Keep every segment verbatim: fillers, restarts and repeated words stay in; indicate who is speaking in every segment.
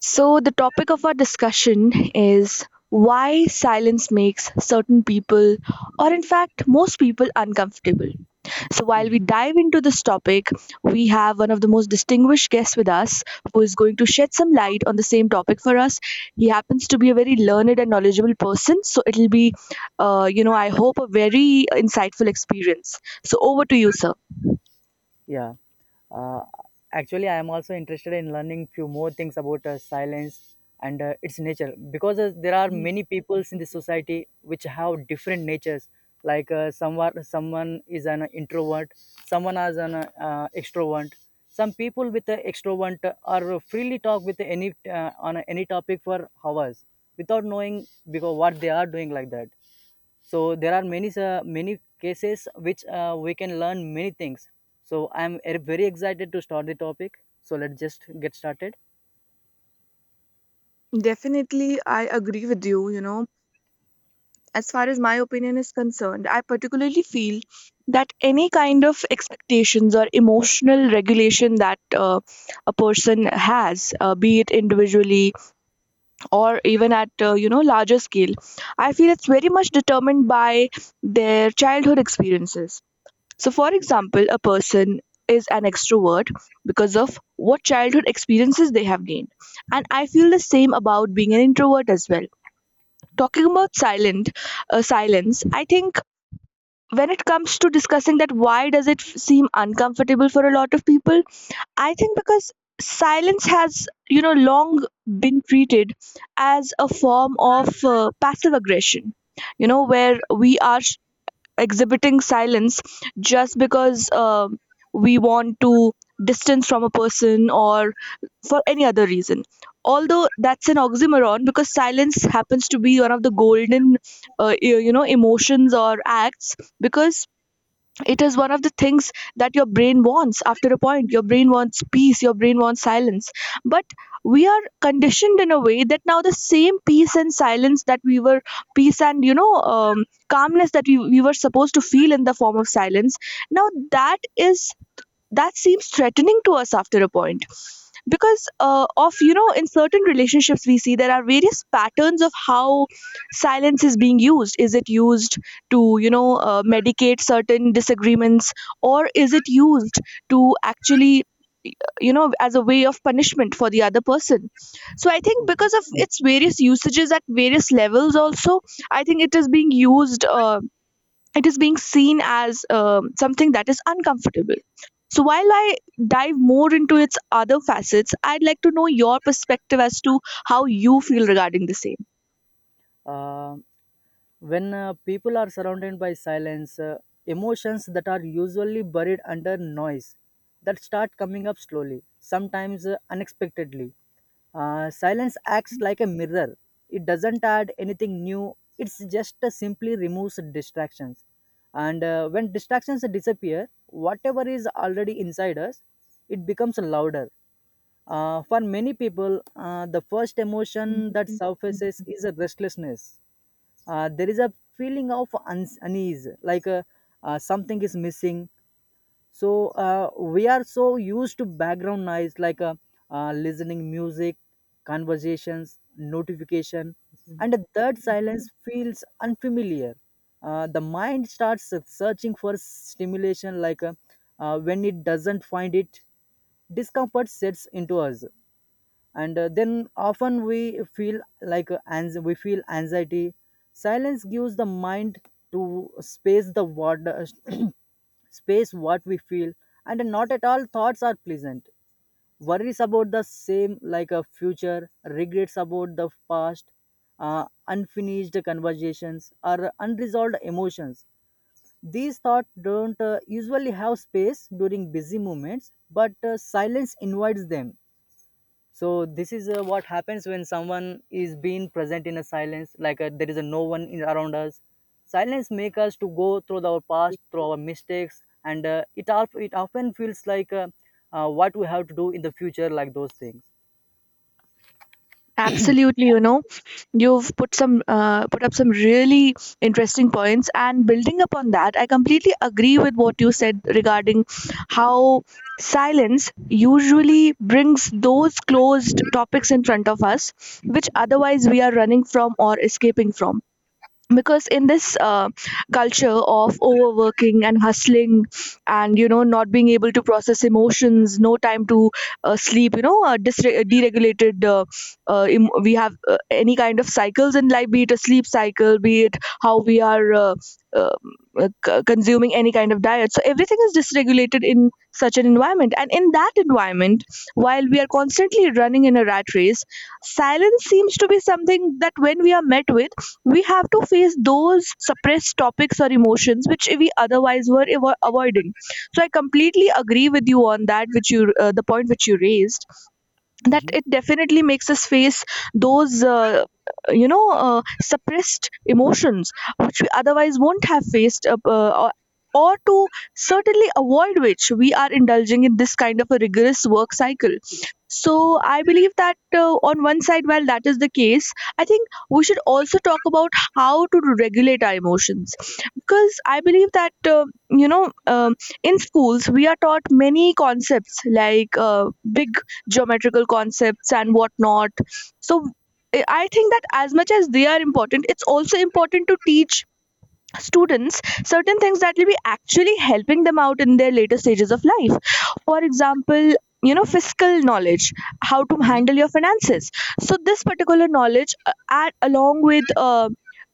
Speaker 1: So, the topic of our discussion is why silence makes certain people, or in fact, most people, uncomfortable. So, while we
Speaker 2: Mhm.
Speaker 1: dive into this topic, we have one of the most distinguished guests with us who is going to shed some light on the same topic for us. He happens to be a very learned and knowledgeable person, so it'll be, uh, you know, I hope a very insightful experience. So, over to you, sir.
Speaker 2: Yeah. Uh, Actually, I am also interested in learning few more things about uh, silence and uh, its nature because uh, there are many peoples in the society which have different natures. Like uh, someone, someone is an introvert, someone is an uh, uh, extrovert. Some people with uh, extrovert are freely talk with any uh, on any topic for hours without knowing because what they are doing like that. So there are many uh, many cases which uh, we can learn many things. So i'm er- very excited to start the topic. So let's just get started.
Speaker 1: Definitely, I agree with you. You know, as far as my opinion is concerned, I particularly feel that any kind of expectations or emotional regulation that uh, a person has, uh, be it individually or even at uh, you know larger scale, I feel it's very much determined by their childhood experiences. So, for example, a person is an extrovert because of what childhood experiences they have gained, and I feel the same about being an introvert as well. Talking about silent uh, silence, I think when it comes to discussing that why does it f- seem uncomfortable for a lot of people, I think because silence has, you know, long been treated as a form of uh, passive aggression, you know, where we are sh- exhibiting silence just because um we want to distance from a person or for any other reason, although that's an oxymoron because silence happens to be one of the golden uh, e- you know emotions or acts, because it is one of the things that your brain wants. After a point, your brain wants peace, your brain wants silence, but we are conditioned in a way that now the same peace and silence that we were peace and, you know um, calmness that we, we were supposed to feel in the form of silence, now that is that seems threatening to us after a point, because uh, of, you know, in certain relationships we see there are various patterns of how silence is being used. Is it used to, you know uh, medicate certain disagreements, or is it used to actually, you know, as a way of punishment for the other person? So I think because of its various usages at various levels also, I think it is being used uh, it is being seen as um, something that is uncomfortable. So, while I dive more into its other facets, I'd like to know your perspective as to how you feel regarding the same.
Speaker 2: Uh, when uh, people are surrounded by silence, uh, emotions that are usually buried under noise, that start coming up slowly, sometimes uh, unexpectedly. Uh, silence acts like a mirror. It doesn't add anything new. It's just uh, simply removes distractions. And uh, when distractions disappear, whatever is already inside us, it becomes louder. Uh, for many people, uh, the first emotion that surfaces is a restlessness. Uh, there is a feeling of uns unease, like uh, uh, something is missing. So uh, we are so used to background noise, like uh, uh, listening music, conversations, notification, and that silence feels unfamiliar. Uh, the mind starts searching for stimulation, like uh, uh, when it doesn't find it, discomfort sets into us. And uh, then often we feel like uh, ans- we feel anxiety. Silence gives the mind to space the water space what we feel, and not at all thoughts are pleasant. Worries about the same, like a future, regrets about the past, uh, unfinished conversations or unresolved emotions. These thoughts don't uh, usually have space during busy moments, but uh, silence invites them. So this is uh, what happens when someone is being present in a silence, like uh, there is a no one in, around us. Silence make us to go through our past, through our mistakes, and uh, it, al- it often feels like uh, uh, what we have to do in the future, like those things.
Speaker 1: Absolutely, you know, you've put some uh, put up some really interesting points, and building upon that, I completely agree with what you said regarding how silence usually brings those closed topics in front of us, which otherwise we are running from or escaping from. Because in this uh, culture of overworking and hustling, and you know, not being able to process emotions, no time to uh, sleep, you know, uh, disre- uh, deregulated, uh, uh, em- we have, uh, any kind of cycles in life, be it a sleep cycle, be it how we are, uh, uh, uh, c- consuming any kind of diet, so everything is dysregulated in such an environment, and in that environment, while we are constantly running in a rat race, silence seems to be something that when we are met with, we have to face those suppressed topics or emotions which we otherwise were avo- avoiding. So I completely agree with you on that, which you uh, the point which you raised, that
Speaker 2: Hmm.
Speaker 1: it definitely makes us face those uh, you know uh, suppressed emotions which we otherwise won't have faced uh, uh, or or to certainly avoid, which we are indulging in this kind of a rigorous work cycle. So I believe that, uh, on one side, while that is the case, I think we should also talk about how to regulate our emotions, because I believe that, uh, you know um, in schools we are taught many concepts like, uh, big geometrical concepts and whatnot. So i I think that as much as they are important, it's also important to teach students certain things that will be actually helping them out in their later stages of life, for example, you know, fiscal knowledge, how to
Speaker 2: Hmm.
Speaker 1: handle your finances. So this particular knowledge uh, add along with, uh,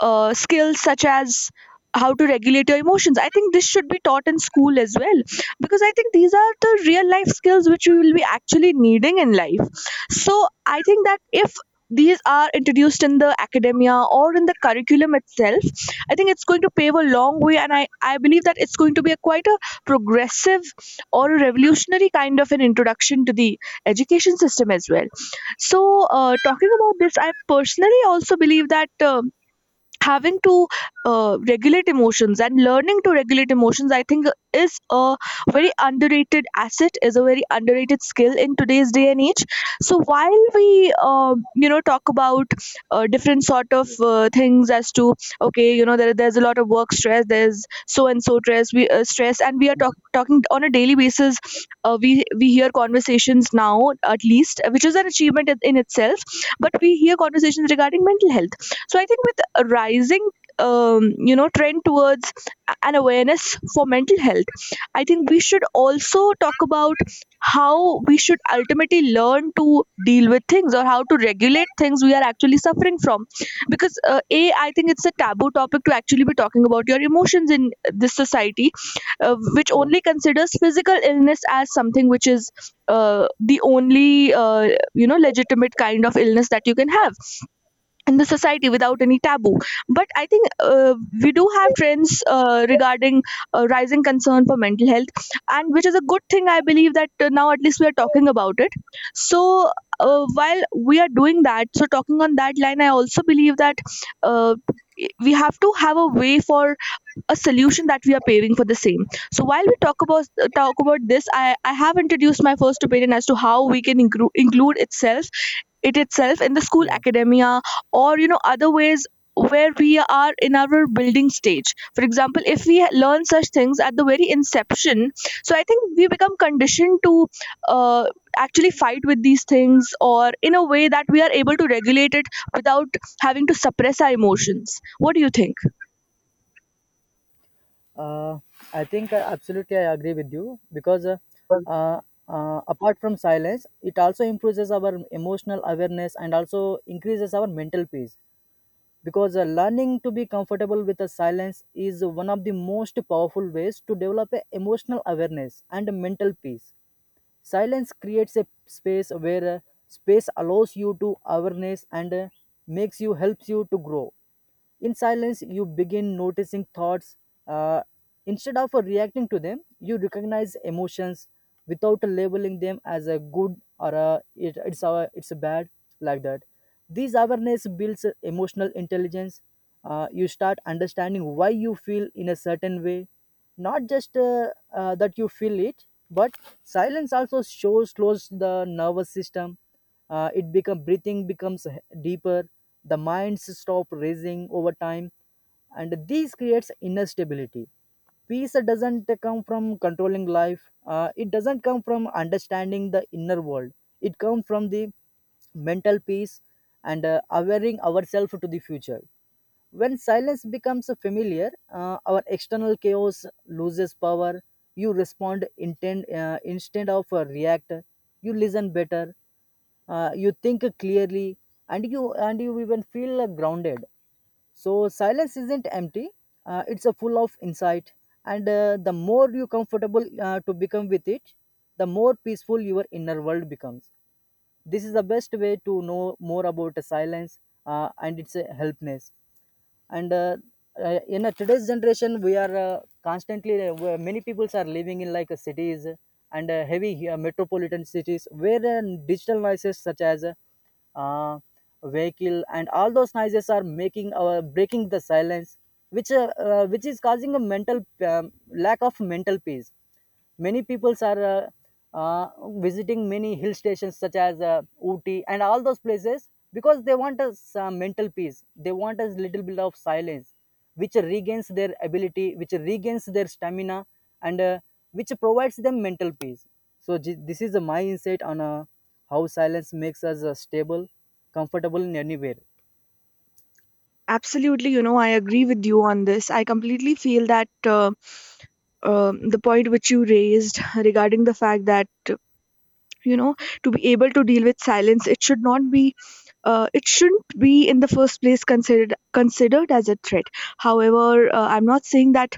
Speaker 1: uh, skills such as how to regulate your emotions, I think this should be taught in school as well, because I think these are the real life skills which we will be actually needing in life. So I think that if these are introduced in the academia or in the curriculum itself, I think it's going to pave a long way, and I, I believe that it's going to be a quite a progressive or a revolutionary kind of an introduction to the education system as well. So, uh, talking about this, I personally also believe that. Uh, having to uh, regulate emotions and learning to regulate emotions, I think is a very underrated asset, is a very underrated skill in today's day and age. So while we, uh, you know talk about, uh, different sort of uh, things as to, okay, you know, there, there's a lot of work stress, there's so and so stress, we uh, stress, and we are talk, talking on a daily basis. Uh, we we hear conversations now, at least, which is an achievement in in itself, but we hear conversations regarding mental health. So I think with a rising, um, you know trend towards a- an awareness for mental health, I think we should also talk about how we should ultimately learn to deal with things, or how to regulate things we are actually suffering from, because uh, a I think it's a taboo topic to actually be talking about your emotions in this society, uh, which
Speaker 2: Yeah.
Speaker 1: only considers physical illness as something which is uh, the only, uh, you know legitimate kind of illness that you can have in the society without any taboo. But I think, uh, we do have trends uh, regarding, uh, rising concern for mental health, and which is a good thing. I believe that, uh, now at least we are talking about it. So, uh, while we are doing that, so talking on that line, I also believe that uh, we have to have a way for a solution that we are paving for the same. So while we talk about uh, talk about this, i i have introduced my first opinion as to how we can inclu- include itself, it itself in the school
Speaker 2: Yeah.
Speaker 1: academia, or you know, other ways where we are in our building stage, for example, if we learn such things at the very inception. So I think we become conditioned to, uh, actually fight with these things, or in a way that we are able to regulate it without having to suppress our emotions. What do you think?
Speaker 2: Uh, I think uh, absolutely I agree with you. Because uh, uh, uh, apart from silence, it also improves our emotional awareness and also increases our mental peace. Because uh, learning to be comfortable with the silence is one of the most powerful ways to develop a emotional awareness and mental peace. Silence creates a space where uh, space allows you to awareness, and uh, makes you helps you to grow. In silence, you begin noticing thoughts. Uh, Instead of uh, reacting to them, you recognize emotions without labeling them as a good or a, it, it's, a, it's a bad, like that. This awareness builds uh, emotional intelligence. Uh, you start understanding why you feel in a certain way, not just uh, uh, that you feel it, but silence also shows close the nervous system. Uh, it become breathing becomes deeper. The minds stop racing over time, and this creates inner stability. Peace doesn't come from controlling life, uh, it doesn't come from understanding the inner world, it comes from the mental peace and uh, awareing ourselves to the future. When silence becomes familiar, uh, our external chaos loses power. You respond intent, uh, instead of uh, react. You listen better, uh, you think clearly, and you and you even feel uh, grounded. So silence isn't empty, uh, it's a full of insight. And uh, the more you comfortable uh, to become with it, the more peaceful your inner world becomes. This is the best way to know more about silence, uh, and its uh, helpness. And uh, uh, in uh, today's generation, we are uh, constantly uh, where many peoples are living in, like uh, cities and uh, heavy uh, metropolitan cities, where uh, digital noises such as uh, vehicle and all those noises are making our breaking the silence, which uh, uh, which is causing a mental um, lack of mental peace. Many peoples are uh, uh, visiting many hill stations such as uh, Ooty and all those places because they want a some mental peace. They want a little bit of silence, which regains their ability, which regains their stamina, and uh, which provides them mental peace. So j- this is uh, my insight on uh, how silence makes us uh, stable, comfortable in anywhere.
Speaker 1: Absolutely, you know, I agree with you on this. I completely feel that, uh, um the point which you raised regarding the fact that, uh, you know, to be able to deal with silence, it should not be. Uh, it shouldn't be in the first place considered considered as a threat. However, uh, I'm not saying that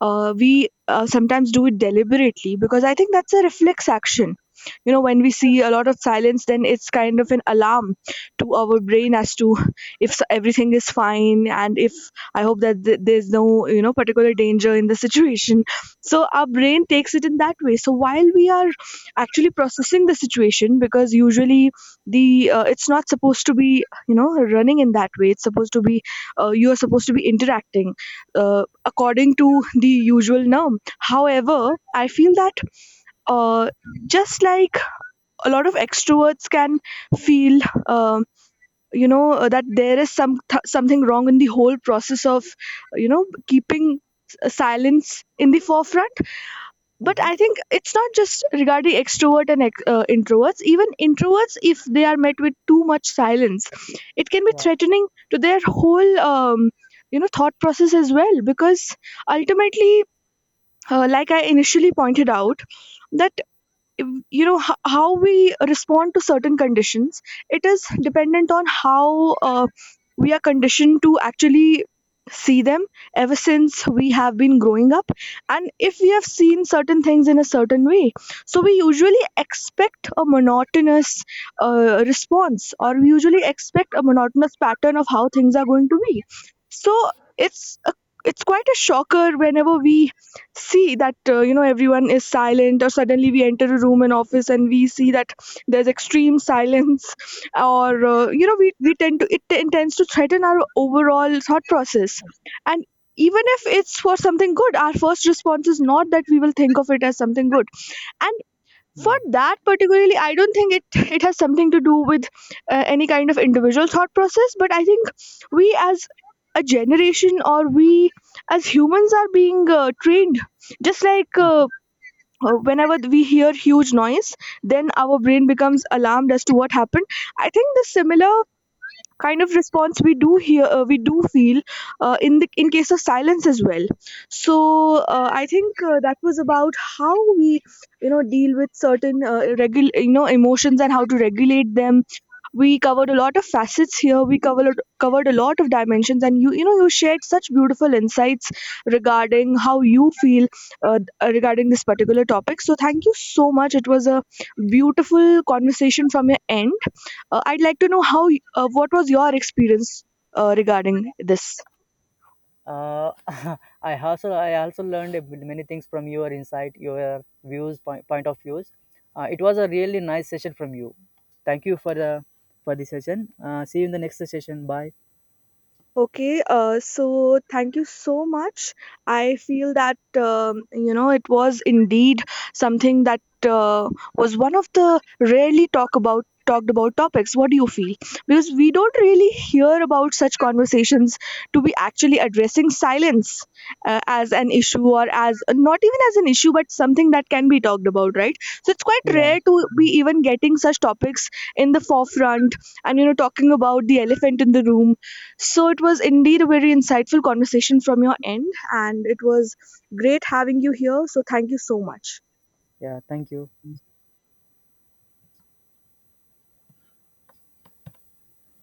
Speaker 1: uh, we uh, sometimes do it deliberately, because I think that's a reflex action. You know, when we see a lot of silence, then it's kind of an alarm to our brain as to if s- everything is fine, and if I hope that th- there's no, you know, particular danger in the situation. So our brain takes it in that way, so while we are actually processing the situation, because usually the uh, it's not supposed to be, you know, running in that way, it's supposed to be, uh, you are supposed to be interacting, uh, according to the usual norm. However, I feel that, uh, just like a lot of extroverts can feel, uh, you know, uh, that there is some th- something wrong in the whole process of, you know, keeping s- uh, silence in the forefront. But
Speaker 2: Mhm.
Speaker 1: I think it's not just regarding extrovert and ex- uh, introverts. Even introverts, if they are met with too much silence, it can be
Speaker 2: Yeah,
Speaker 1: threatening to their whole. Um, you know, thought process as well, because ultimately, uh, like I initially pointed out, that if- you know, h- how we respond to certain conditions, it is dependent on how, uh, we are conditioned to actually see them ever since we have been growing up. And if we have seen certain things in a certain way, so we usually expect a monotonous uh, response, or we usually expect a monotonous pattern of how things are going to be. So it's a, it's quite a shocker whenever we see that, uh, you know, everyone is silent, or suddenly we enter a room in office and we see that there's extreme silence or uh, you know, we, we tend to it, t- tends to threaten our overall thought process. And even if it's for something good, our first response is not that we will think of it as something good. For
Speaker 2: yeah.
Speaker 1: that particularly, I don't think it it has something to do with, uh, any kind of individual thought process, but I think we as a generation, or we as humans, are being uh, trained, just like, uh, uh, whenever we hear huge noise, then our brain becomes alarmed as to what happened. I think the similar kind of response we do hear uh, we do feel, uh, in the in case of silence as well. So, uh, i think uh, that was about how we, you know, deal with certain, uh, regul- you know emotions, and how to regulate them. We covered a lot of facets here, we covered covered a lot of dimensions, and you you know, you shared such beautiful insights regarding how you feel, uh, regarding this particular topic. So thank you so much, it was a beautiful conversation from your end. uh, I'd like to know how y- uh, what was your experience, uh, regarding this?
Speaker 2: Uh, I also I also learned a bit- many things from your insight, your views, point, point of views. Uh, it was a really nice session from you. Thank you for the for the session. Uh, see you in the next session. Bye.
Speaker 1: Okay, uh, so thank you so much. I feel that, um, you know, it was indeed something that, uh, was one of the rarely talk about talked about topics. What do you feel? Because we don't really hear about such conversations to be actually addressing silence, uh, as an issue, or as not even as an issue, but something that can be talked about, right? So it's quite
Speaker 2: Yeah,
Speaker 1: rare to be even getting such topics in the forefront, and you know, talking about the elephant in the room. So it was indeed a very insightful conversation from your end, and it was great having you here. So thank you so much.
Speaker 2: yeah. Thank you.